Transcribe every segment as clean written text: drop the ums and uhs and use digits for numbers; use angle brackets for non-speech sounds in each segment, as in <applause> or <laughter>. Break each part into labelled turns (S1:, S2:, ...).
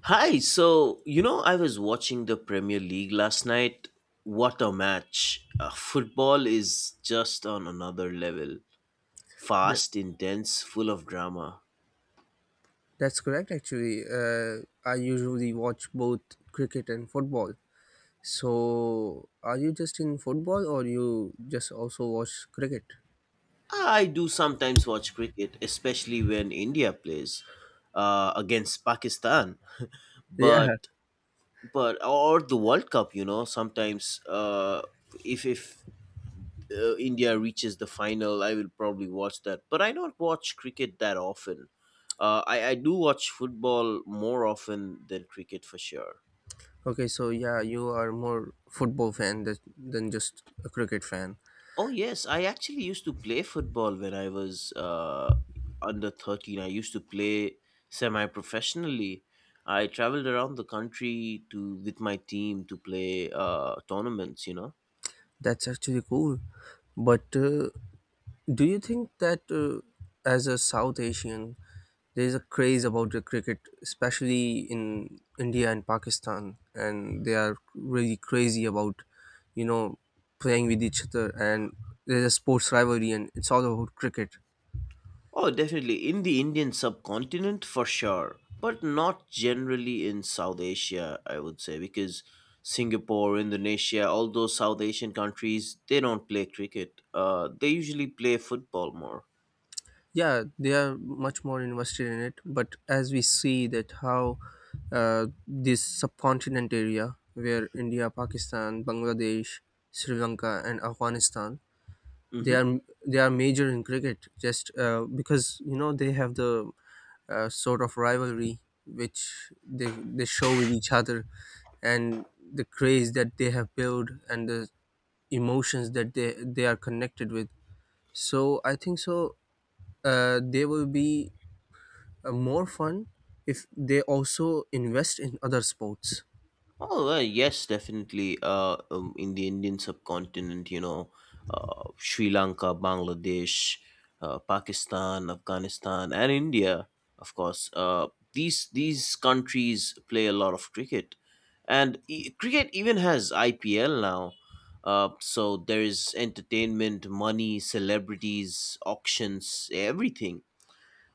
S1: Hi, so you know, I was watching the Premier League last night. What a match! Football is just on another level.
S2: Th-
S1: Fast, intense, full of drama.
S2: That's correct, actually. I usually watch both cricket and football. So, are you just in football or you just also watch cricket? <laughs>
S1: I do sometimes watch cricket, especially when India plays against Pakistan.
S2: Yeah.
S1: But but or the World Cup, you know, sometimes if India reaches the final, I will probably watch that. But I don't watch cricket that often. I do watch football more often than cricket for sure.
S2: Okay, so yeah, you are more football fan than, just a cricket fan.
S1: Oh, yes. I actually used to play football when I was under 13. I used to play semi professionally. I traveled around the country to with my team to play tournaments, you know.
S2: That's actually cool. But do you think that as a South Asian, there's a craze about the cricket, especially in India and Pakistan, and they are really crazy about, you know, playing with each other, and there's a sports rivalry, and it's all about cricket.
S1: Oh, definitely. In the Indian subcontinent, for sure. But not generally in South Asia, I would say, because Singapore, Indonesia, all those South Asian countries, they don't play cricket. They usually play football more.
S2: Yeah, they are much more invested in it, but as we see that how this subcontinent area where India, Pakistan, Bangladesh, Sri Lanka, and Afghanistan they
S1: Hmm.
S2: are they are major in cricket just because you know they have the sort of rivalry which they show with each other, and the craze that they have built, and the emotions that they are connected with. So I think so, they will be more fun if they also invest in other sports.
S1: Oh, well, yes, definitely. In the Indian subcontinent, you know, Sri Lanka, Bangladesh, Pakistan, Afghanistan, and India, of course. These countries play a lot of cricket, and cricket even has IPL now. So there is entertainment, money, celebrities, auctions, everything.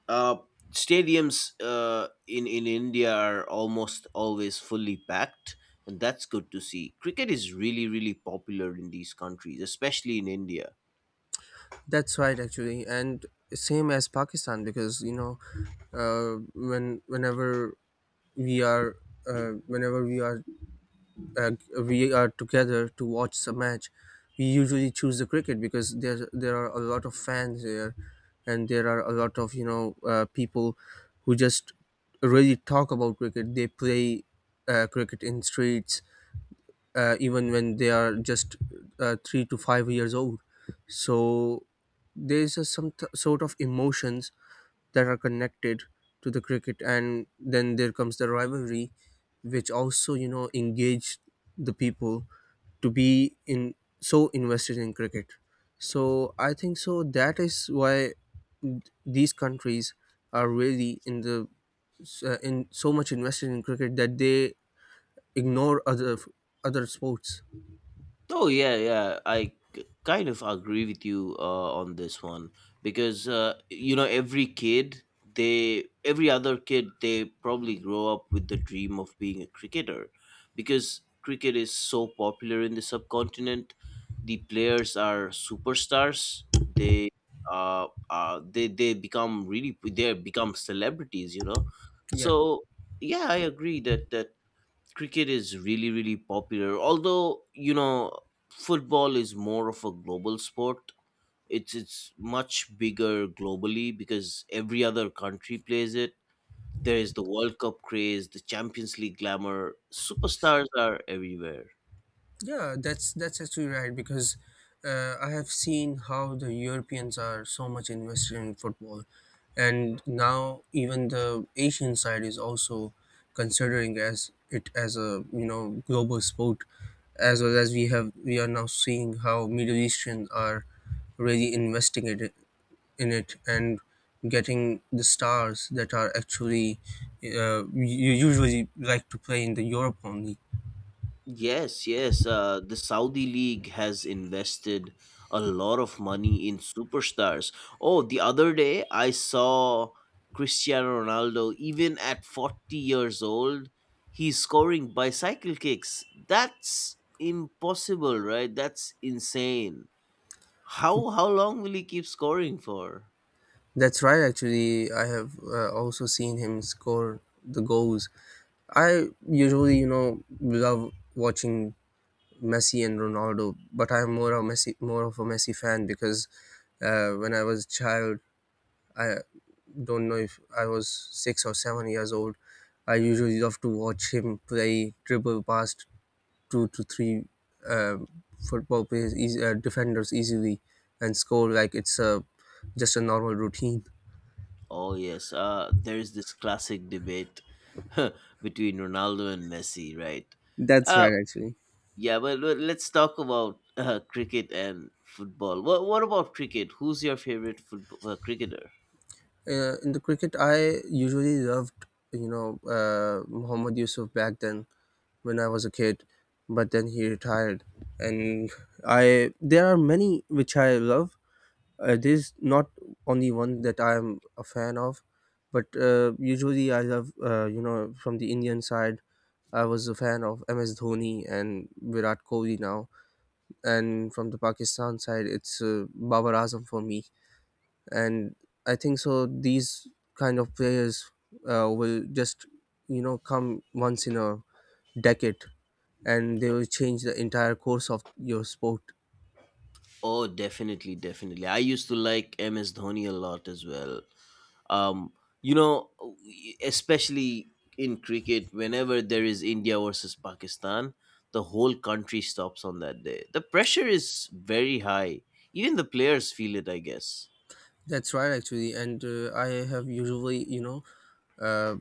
S1: Uh, stadiums in India are almost always fully packed, and that's good to see. Cricket is really really popular in these countries, especially in India.
S2: That's right, actually. And same as Pakistan, because you know, when we are whenever uh, we are together to watch a match. We usually choose the cricket because there are a lot of fans there, and there are a lot of, you know, people who just really talk about cricket. They play cricket in streets, even when they are just 3 to 5 years old. So there's a some sort of emotions that are connected to the cricket, and then there comes the rivalry, which also, you know, engage the people to be in so invested in cricket. So I think so that is why these countries are really in the in so much invested in cricket that they ignore other sports.
S1: Oh yeah, yeah. Kind of agree with you on this one because you know every kid, they every other kid, they probably grow up with the dream of being a cricketer, because cricket is so popular in the subcontinent. The players are superstars. They become celebrities. You know,
S2: Yeah.
S1: so yeah, I agree that cricket is really really popular, although you know football is more of a global sport. It's much bigger globally because every other country plays it. There is the World Cup craze, the Champions League glamour, superstars are everywhere.
S2: Yeah, that's actually right, because I have seen how the Europeans are so much invested in football, and now even the Asian side is also considering as it as a, you know, global sport, as well as we are now seeing how Middle Eastern are really investing it in it, and getting the stars that are actually you usually like to play in the Europe only.
S1: Yes, yes. The Saudi League has invested a lot of money in superstars. Oh, the other day I saw Cristiano Ronaldo, even at 40 years old, he's scoring bicycle kicks. That's impossible, right? That's insane. How long will he keep scoring for?
S2: That's right, actually. I have also seen him score the goals. I usually, you know, love watching Messi and Ronaldo, but I'm more of Messi, more of a Messi fan, because when I was a child, I don't know if I was 6 or 7 years old. I usually love to watch him play, dribble past two to three uh, football players, defenders easily, and score like it's a just a normal routine.
S1: Oh yes, there's this classic debate <laughs> between Ronaldo and Messi, right?
S2: That's
S1: Uh,
S2: right, actually.
S1: well, let's talk about cricket and football. What about cricket? Who's your favorite football cricketer?
S2: In the cricket, I usually loved, you know, Mohammad Yusuf back then when I was a kid, but then he retired, and I there are many which I love. There's not only one that I'm a fan of, but usually I love, you know, from the Indian side, I was a fan of MS Dhoni and Virat Kohli now, and from the Pakistan side, it's Babar Azam for me. And I think so these kind of players will just, you know, come once in a decade, and they will change the entire course of your sport.
S1: Oh, definitely, definitely. I used to like MS Dhoni a lot as well. Um, you know, especially in cricket, whenever there is India versus Pakistan, the whole country stops on that day. The pressure is very high. Even the players feel it, I guess.
S2: That's right, actually. And I have usually, you know, uh,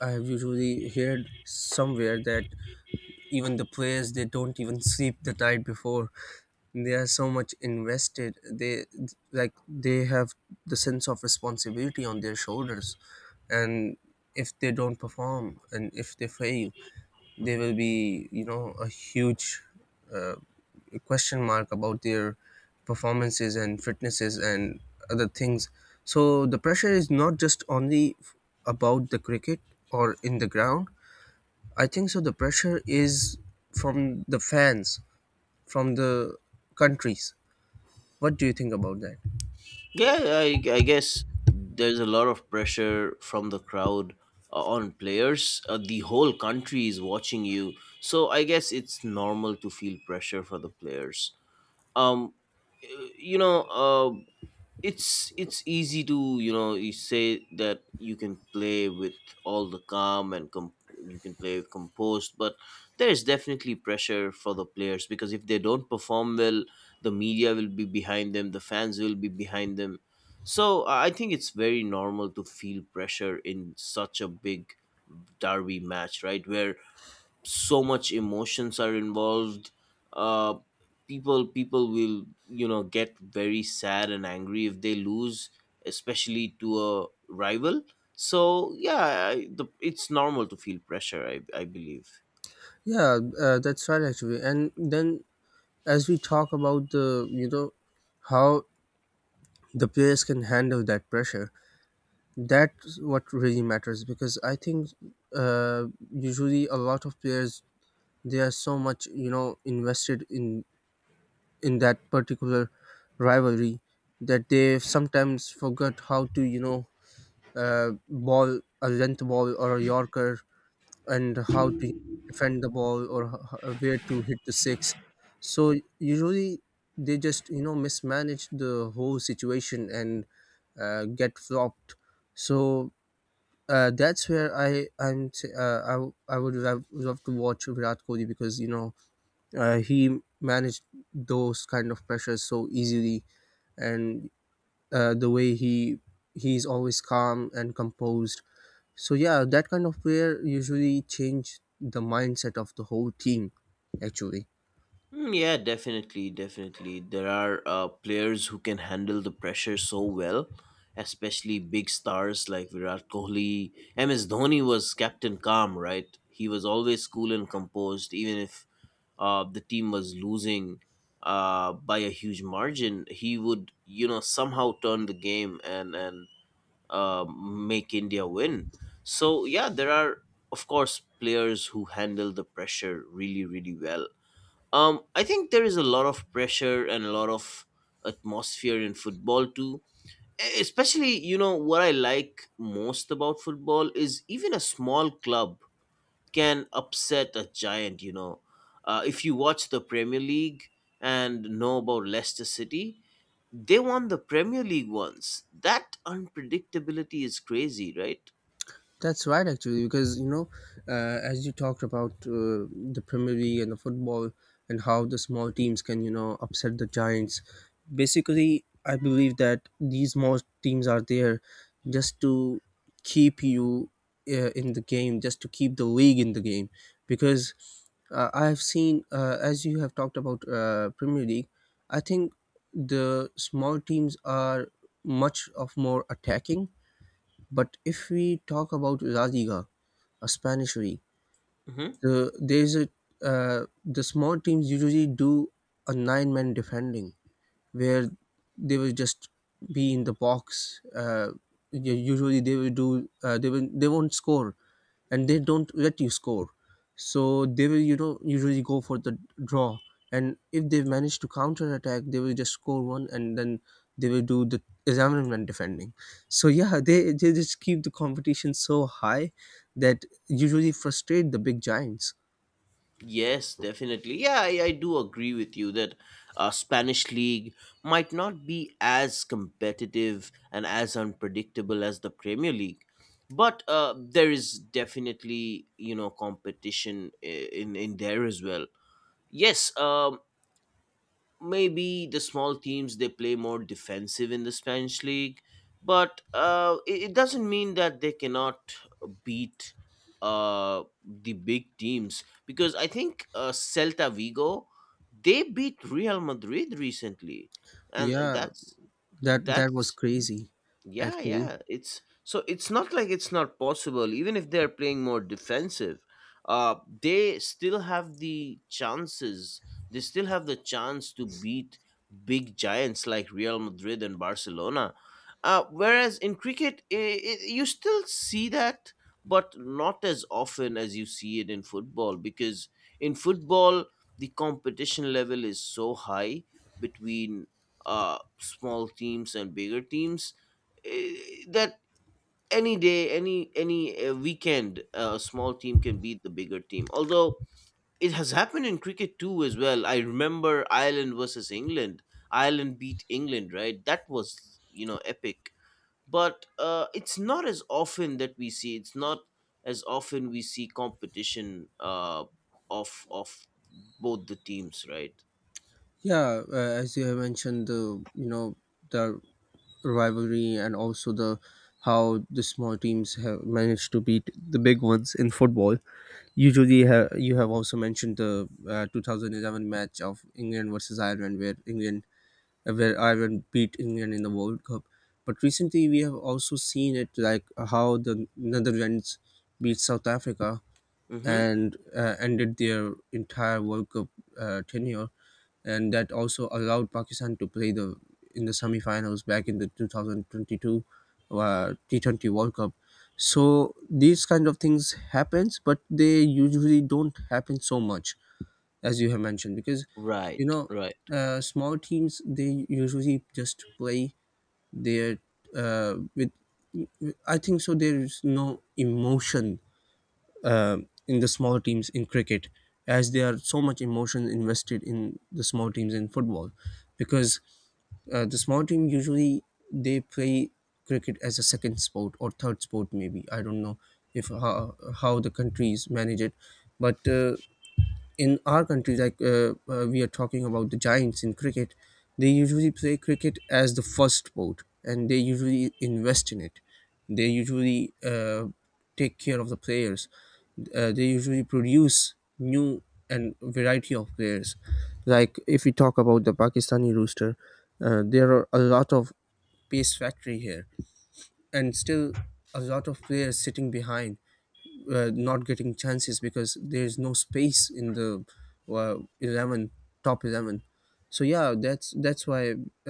S2: I have usually heard somewhere that even the players, they don't even sleep the night before. They are so much invested. They like they have the sense of responsibility on their shoulders, and if they don't perform and if they fail, they will be, you know, a huge uh, question mark about their performances and fitnesses and other things. So the pressure is not just only about the cricket or in the ground. I think so the pressure is from the fans, from the countries. What do you think about that?
S1: Yeah, I guess there's a lot of pressure from the crowd on players. The whole country is watching you, so I guess it's normal to feel pressure for the players. Um, y- you know, uh, it's easy to you know you say that you can play with all the calm and you can play with composed, but there is definitely pressure for the players, because if they don't perform well the media will be behind them, the fans will be behind them. So I think it's very normal to feel pressure in such a big derby match, right, where so much emotions are involved. Uh people people will you know get very sad and angry if they lose, especially to a rival. So yeah, it's normal to feel pressure, I believe.
S2: Yeah, that's right, actually. And then as we talk about the, you know, how the players can handle that pressure, that's what really matters, because I think uh, usually a lot of players, they are so much, you know, invested in that particular rivalry that they sometimes forget how to, you know, ball a length ball or a yorker, and how to defend the ball, or where to hit the six. So usually they just, you know, mismanage the whole situation and get flopped. So that's where I I'm t- I, w- I would love, love to watch Virat Kohli, because you know he managed those kind of pressures so easily, and the way he's always calm and composed. So yeah, that kind of player usually change the mindset of the whole team, actually.
S1: Mm, yeah, definitely definitely there are players who can handle the pressure so well, especially big stars like Virat Kohli. MS Dhoni was Captain Calm, right? He was always cool and composed, even if the team was losing by a huge margin, he would you know somehow turn the game and make India win. So yeah, there are of course players who handle the pressure really really well. I think there is a lot of pressure and a lot of atmosphere in football too. Especially, you know, what I like most about football is even a small club can upset a giant, you know. If you watch the Premier League and know about Leicester City, they won the Premier League once. That unpredictability is crazy, right?
S2: That's right, actually, because you know, as you talked about the Premier League and the football, and how the small teams can, you know, upset the giants. Basically, I believe that these small teams are there just to keep you in the game, just to keep the league in the game. Because I've seen, as you have talked about Premier League, I think the small teams are much of more attacking, but if we talk about La Liga, a Spanish league,
S1: Hmm.
S2: there's a the small teams usually do a nine-man defending, where they will just be in the box. Usually they will they won't score, and they don't let you score. So they will, you know, usually go for the draw, and if they manage to counter attack, they will just score one, and then they will do the examination defending. So yeah, they just keep the competition so high that usually frustrate the big giants.
S1: Yes, definitely. Yeah, I do agree with you that Spanish league might not be as competitive and as unpredictable as the Premier League, but there is definitely you know competition in there as well. Yes, maybe the small teams they play more defensive in the Spanish league, but it doesn't mean that they cannot beat the big teams, because I think Celta Vigo, they beat Real Madrid recently, and and
S2: Yeah,
S1: that's
S2: that was
S1: that's
S2: crazy,
S1: yeah,
S2: actually.
S1: yeah. It's so it's not like it's not possible. Even if they're playing more defensive, they still have the chances. They still have the chance to beat big giants like Real Madrid and Barcelona. Whereas in cricket, I you still see that, but not as often as you see it in football. Because in football, the competition level is so high between small teams and bigger teams, that any day, any weekend a small team can beat the bigger team. Although it has happened in cricket too as well, I remember Ireland versus England, Ireland beat England, right? That was you know epic. But it's not as often that we see, it's not as often we see competition of both the teams, right?
S2: Yeah, as you have mentioned, the you know the rivalry and also the how the small teams have managed to beat the big ones in football. Usually, you have also mentioned the 2011 match of England versus Ireland, where England where Ireland beat England in the World Cup. But recently, we have also seen it like how the Netherlands beat South Africa,
S1: Mm-hmm.
S2: and ended their entire World Cup tenure, and that also allowed Pakistan to play the in the semifinals back in the 2022 T20 World Cup. So these kind of things happens, but they usually don't happen so much as you have mentioned, because you
S1: right
S2: know
S1: right
S2: small teams, they usually just play their with I think so there is no emotion uh, in the small teams in cricket, as there are so much emotion invested in the small teams in football, because the small team usually they play cricket as a second sport or third sport, maybe I don't know if how, how the countries manage it. But in our country, like we are talking about the Giants in cricket, they usually play cricket as the first sport, and they usually invest in it. They usually take care of the players. They usually produce new and variety of players. Like if we talk about the Pakistani rooster, there are a lot of pace factory here, and still a lot of players sitting behind, not getting chances because there's no space in the 11, top 11. So yeah, that's why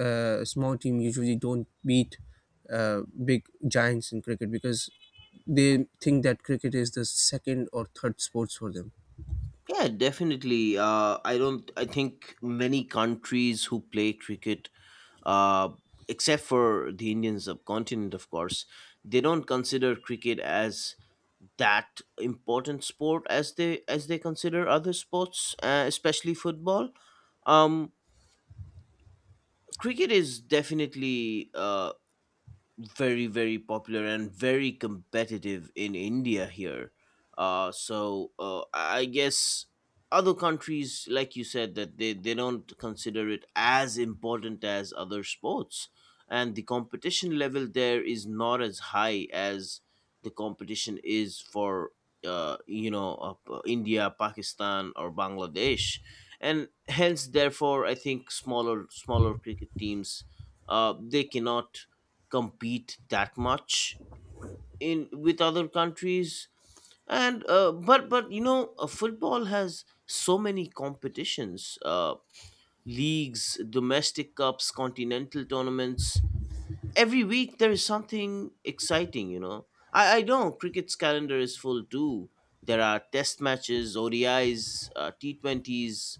S2: small team usually don't beat big giants in cricket, because they think that cricket is the second or third sports for them.
S1: Yeah, definitely. I don't. I think many countries who play cricket, uh, except for the Indian subcontinent, of course, they don't consider cricket as that important sport as they consider other sports, especially football. Um, Cricket is definitely very very popular and very competitive in India here. So I guess other countries, like you said, that they don't consider it as important as other sports, and the competition level there is not as high as the competition is for India, Pakistan, or Bangladesh, and hence therefore I think smaller cricket teams they cannot compete that much in with other countries. And but you know football has so many competitions, leagues, domestic cups, continental tournaments, every week there is something exciting, you know. I know cricket's calendar is full too. There are test matches, ODIs, T20s,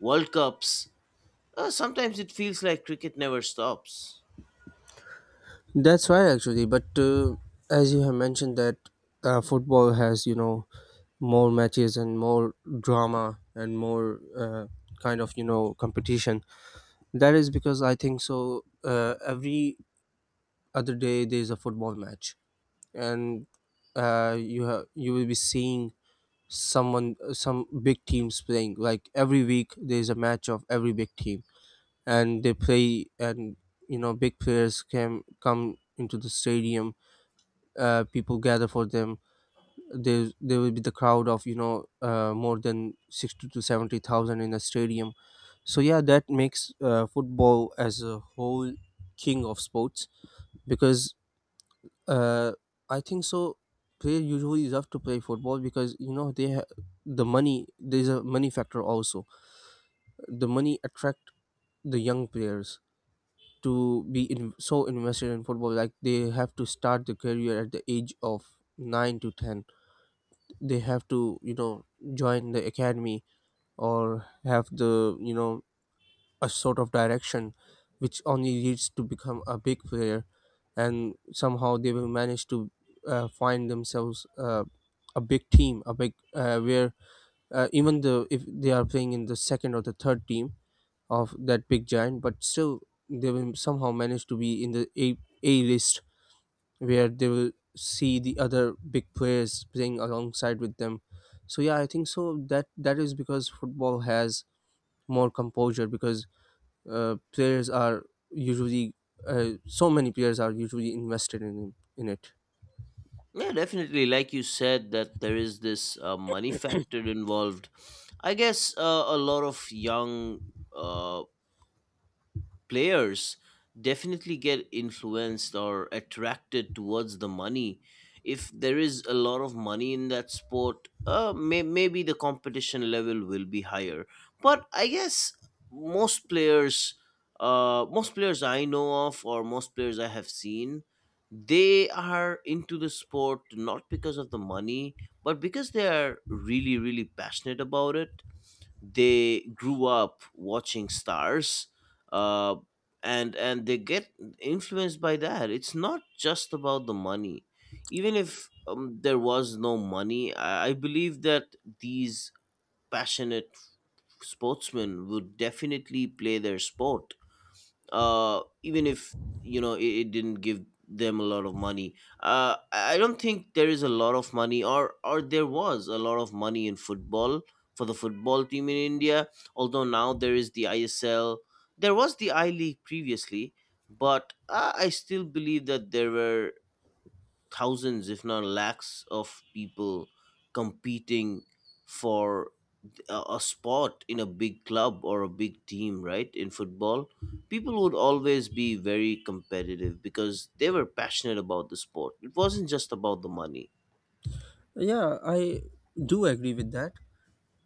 S1: World Cups. Sometimes it feels like cricket never stops.
S2: That's right, actually. But as you have mentioned that football has, you know, more matches and more drama and more kind of, you know, competition. That is because I think so. Every other day there is a football match, and you have you will be seeing someone some big teams playing. Like every week there is a match of every big team, and they play, and you know big players can come into the stadium. People gather for them, there will be the crowd of more than 60 to 70,000 in a stadium. So yeah, that makes football as a whole king of sports, because uh, I think so, player usually love to play football because the money, there's a money factor also. The money attract the young players to be in, so invested in football, like they have to start the career at the age of 9 to 10. They have to join the academy, or have the a sort of direction which only leads to become a big player. And somehow they will manage to find themselves a big team, a big where even the, if they are playing in the second or the third team of that big giant, but still they will somehow manage to be in the a list where they will see the other big players playing alongside with them. So yeah, I think so that is because football has more composure because players are usually so many players are usually invested in it.
S1: Yeah, definitely. Like you said, that there is this money factor involved. I guess a lot of young uh, players definitely get influenced or attracted towards the money. If there is a lot of money in that sport, maybe the competition level will be higher. But I guess most players, most players I know of, or most players I have seen, they are into the sport not because of the money, but because they are really, really passionate about it. They grew up watching stars, uh, and they get influenced by that. It's not just about the money. Even if there was no money, I believe that these passionate sportsmen would definitely play their sport, even if you know it didn't give them a lot of money. I don't think there is a lot of money, or there was a lot of money in football for the football team in India, although now there is the ISL. There was the I League previously, but I still believe that there were thousands, if not lakhs, of people competing for a spot in a big club or a big team, right? In football, people would always be very competitive because they were passionate about the sport. It wasn't just about the money.
S2: Yeah, I do agree with that.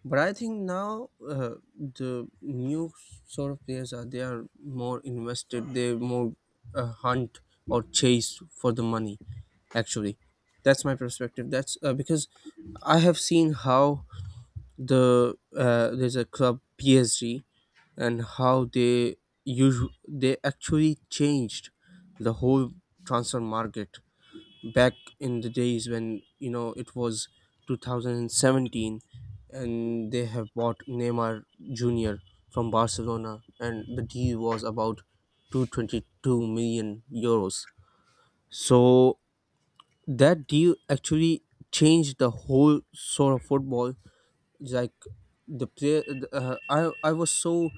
S2: But I think now the new sort of players are they are more invested. They more hunt or chase for the money. Actually, that's my perspective. That's because I have seen how there's a club PSG, and how they they actually changed the whole transfer market back in the days when it was 2017, and they have bought Neymar Jr. from Barcelona, and the deal was about 222 million euros. So that deal actually changed the whole sort of football. Like the player, uh, I I was so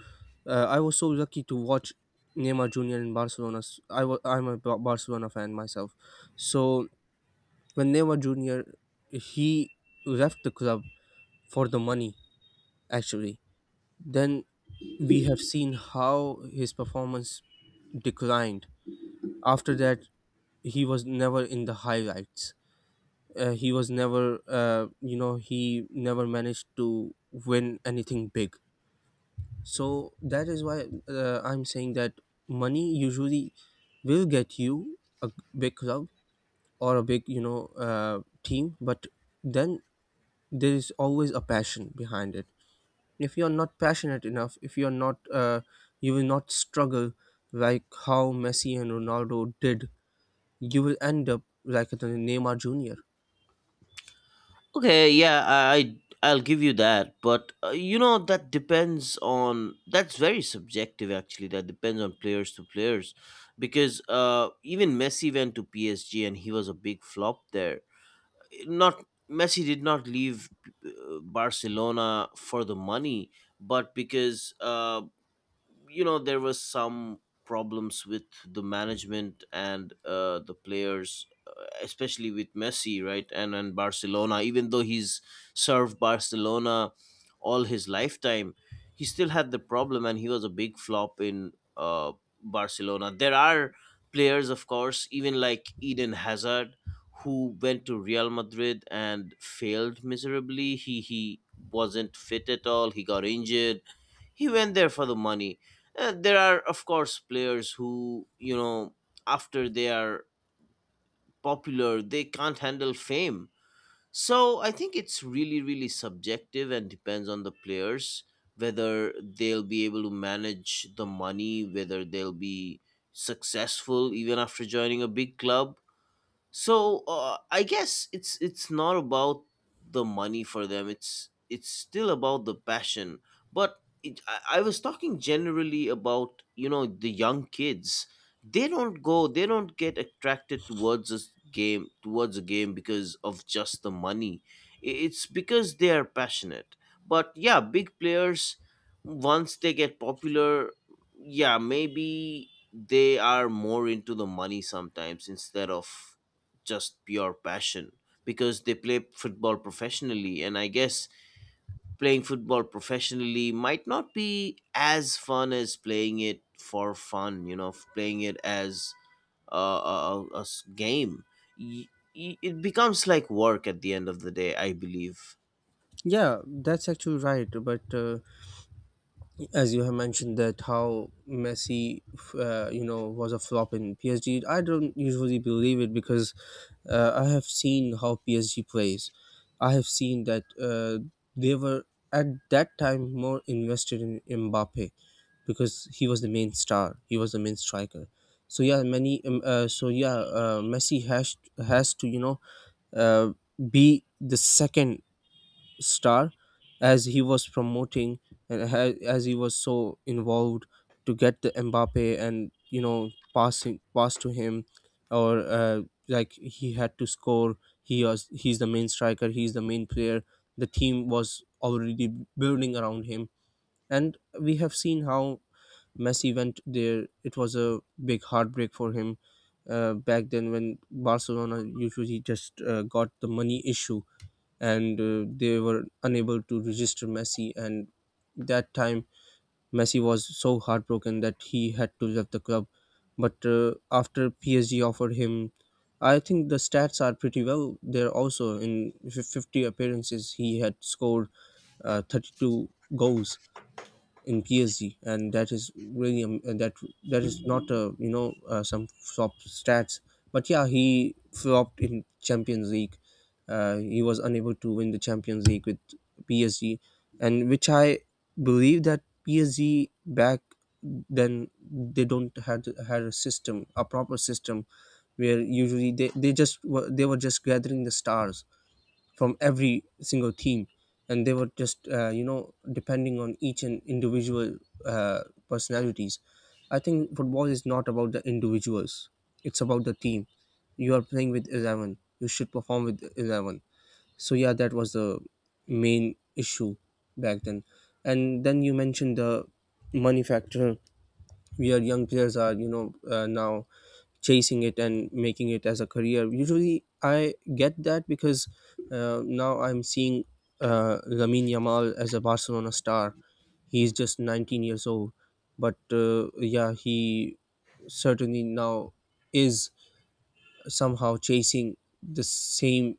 S2: I was so lucky to watch Neymar Jr. in Barcelona. I'm a Barcelona fan myself, so when Neymar Jr., he left the club for the money actually. Then we have seen how his performance declined. After that, he was never in the highlights. He was never, he never managed to win anything big. So that is why I'm saying that money usually will get you a big club or a big, team, but then there is always a passion behind it. If you're not passionate enough, if you're not you will not struggle, like how Messi and Ronaldo did. You will end up like the Neymar Junior.
S1: Okay, yeah, I'll give you that, but you know that depends on, that's very subjective actually. That depends on players to players, because even Messi went to PSG and he was a big flop there. Not Messi did not leave Barcelona for the money, but because you know there was some problems with the management and the players, especially with Messi, right? And Barcelona, even though he's served Barcelona all his lifetime, he still had the problem, and he was a big flop in Barcelona. There are players, of course, even like Eden Hazard, who went to Real Madrid and failed miserably. He wasn't fit at all, he got injured, he went there for the money. There are of course players who you know after they are popular they can't handle fame. So I think it's really really subjective and depends on the players, whether they'll be able to manage the money, whether they'll be successful even after joining a big club. So I guess it's not about the money for them. It's still about the passion. But I was talking generally about you know the young kids. They don't go. They don't get attracted towards a game because of just the money. It's because they are passionate. But yeah, big players once they get popular, yeah, maybe they are more into the money sometimes instead of just pure passion, because they play football professionally, and I guess playing football professionally might not be as fun as playing it for fun, you know, playing it as a game. Y- it becomes like work at the end of the day, I believe.
S2: Yeah, that's actually right, but as you have mentioned that how Messi, was a flop in PSG. I don't usually believe it because I have seen how PSG plays. I have seen that they were at that time more invested in Mbappe because he was the main star. He was the main striker. So yeah, many. So yeah, Messi has to uh, be the second star, as he was promoting, and as he was so involved to get the Mbappe, and pass to him, or like he had to score. He's the main striker, he's the main player. The team was already building around him. And we have seen how Messi went there, it was a big heartbreak for him, back then when Barcelona usually just got the money issue, and they were unable to register Messi. And that time, Messi was so heartbroken that he had to leave the club. But after PSG offered him, I think the stats are pretty well there also. In 50 appearances, he had scored 32 goals in PSG, and that is really and that is not a some flop stats. But yeah, he flopped in Champions League. He was unable to win the Champions League with PSG, and which I believe that PSG back then, they don't had a system, a proper system, where usually they they were just gathering the stars from every single team. And they were just depending on each and individual uh, personalities. I think football is not about the individuals, it's about the team. You are playing with 11, you should perform with 11. So yeah, that was the main issue back then. And then you mentioned the money factor where young players are now chasing it and making it as a career. Usually, I get that because now I'm seeing Lamine Yamal as a Barcelona star. He's just 19 years old, but yeah, he certainly now is somehow chasing the same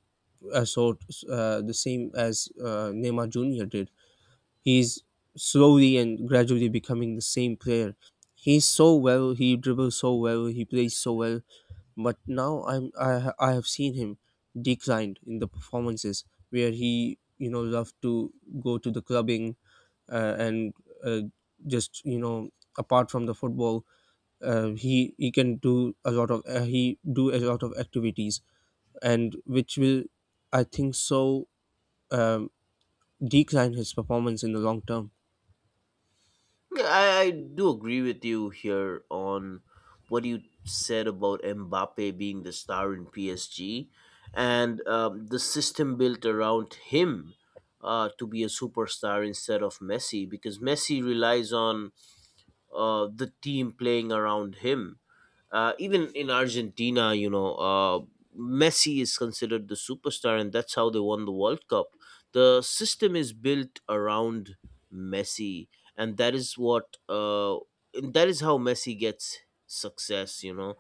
S2: uh, sort, the same as Neymar Junior did. He's slowly and gradually becoming the same player. He's so well, he dribbles so well, he plays so well. But now I have seen him declined in the performances, where he loved to go to the clubbing and uh, just apart from the football, he can do a lot of he do a lot of activities, and which will, I think so, um, decline his performance in the long term.
S1: Yeah, I do agree with you here on what you said about Mbappe being the star in PSG and the system built around him to be a superstar instead of Messi, because Messi relies on the team playing around him. Even in Argentina, you know, Messi is considered the superstar, and that's how they won the World Cup. The system is built around Messi, and that is what and that is how Messi gets success. You know,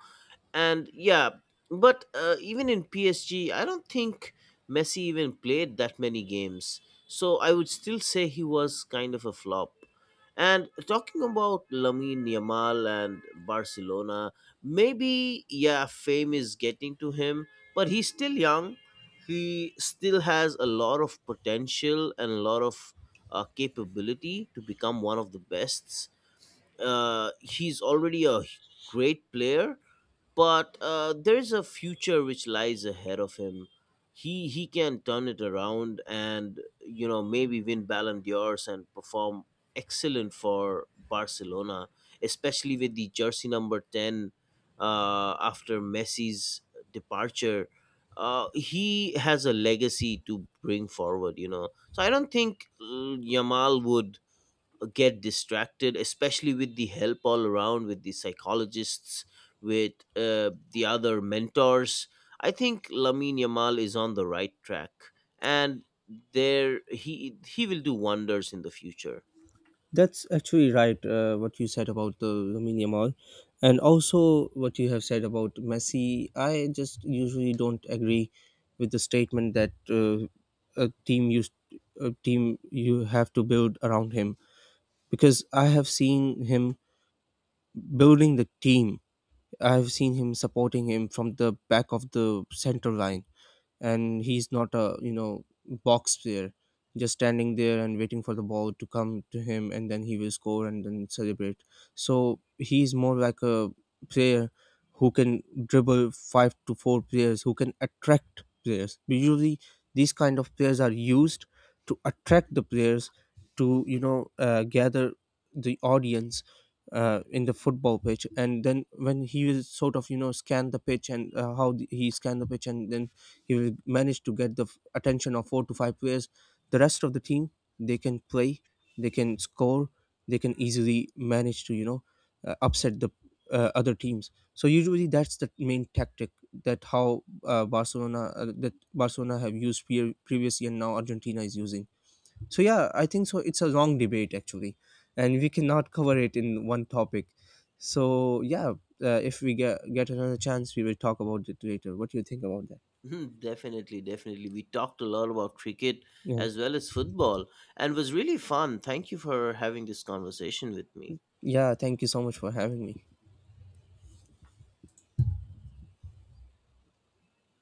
S1: and yeah, but even in PSG, I don't think Messi even played that many games. So I would still say he was kind of a flop. And talking about Lamine Yamal and Barcelona, maybe yeah, fame is getting to him, but he's still young. He still has a lot of potential and a lot of capability to become one of the best. He's already a great player, but there's a future which lies ahead of him. He can turn it around, and you know maybe win Ballon d'Ors and perform excellent for Barcelona, especially with the jersey number 10 after Messi's departure. He has a legacy to bring forward, you know. So I don't think Yamal would get distracted, especially with the help all around, with the psychologists, with the other mentors. I think Lamin Yamal is on the right track, and there he will do wonders in the future.
S2: That's actually right, what you said about the Lamine mall. And also what you have said about Messi. I just usually don't agree with the statement that a team used a team you have to build around him, because I have seen him building the team. I have seen him supporting him from the back of the center line, and he's not a box player just standing there and waiting for the ball to come to him and then he will score and then celebrate. So he's more like a player who can dribble five to four players, who can attract players. Usually these kind of players are used to attract the players to gather the audience in the football pitch. And then when he will sort of scan the pitch, and he scan the pitch, and then he managed to get the attention of four to five players. The rest of the team, they can play, they can score, they can easily manage to upset the other teams. So usually that's the main tactic, that how Barcelona that Barcelona have used previously, and now Argentina is using. So yeah, I think so. It's a long debate actually, and we cannot cover it in one topic. So yeah, if we get another chance, we will talk about it later. What do you think about that?
S1: Mhm, definitely we talked a lot about cricket
S2: Yeah.
S1: as well as football, and it was really fun. Thank you for having this conversation with me.
S2: Yeah, thank you so much for having me.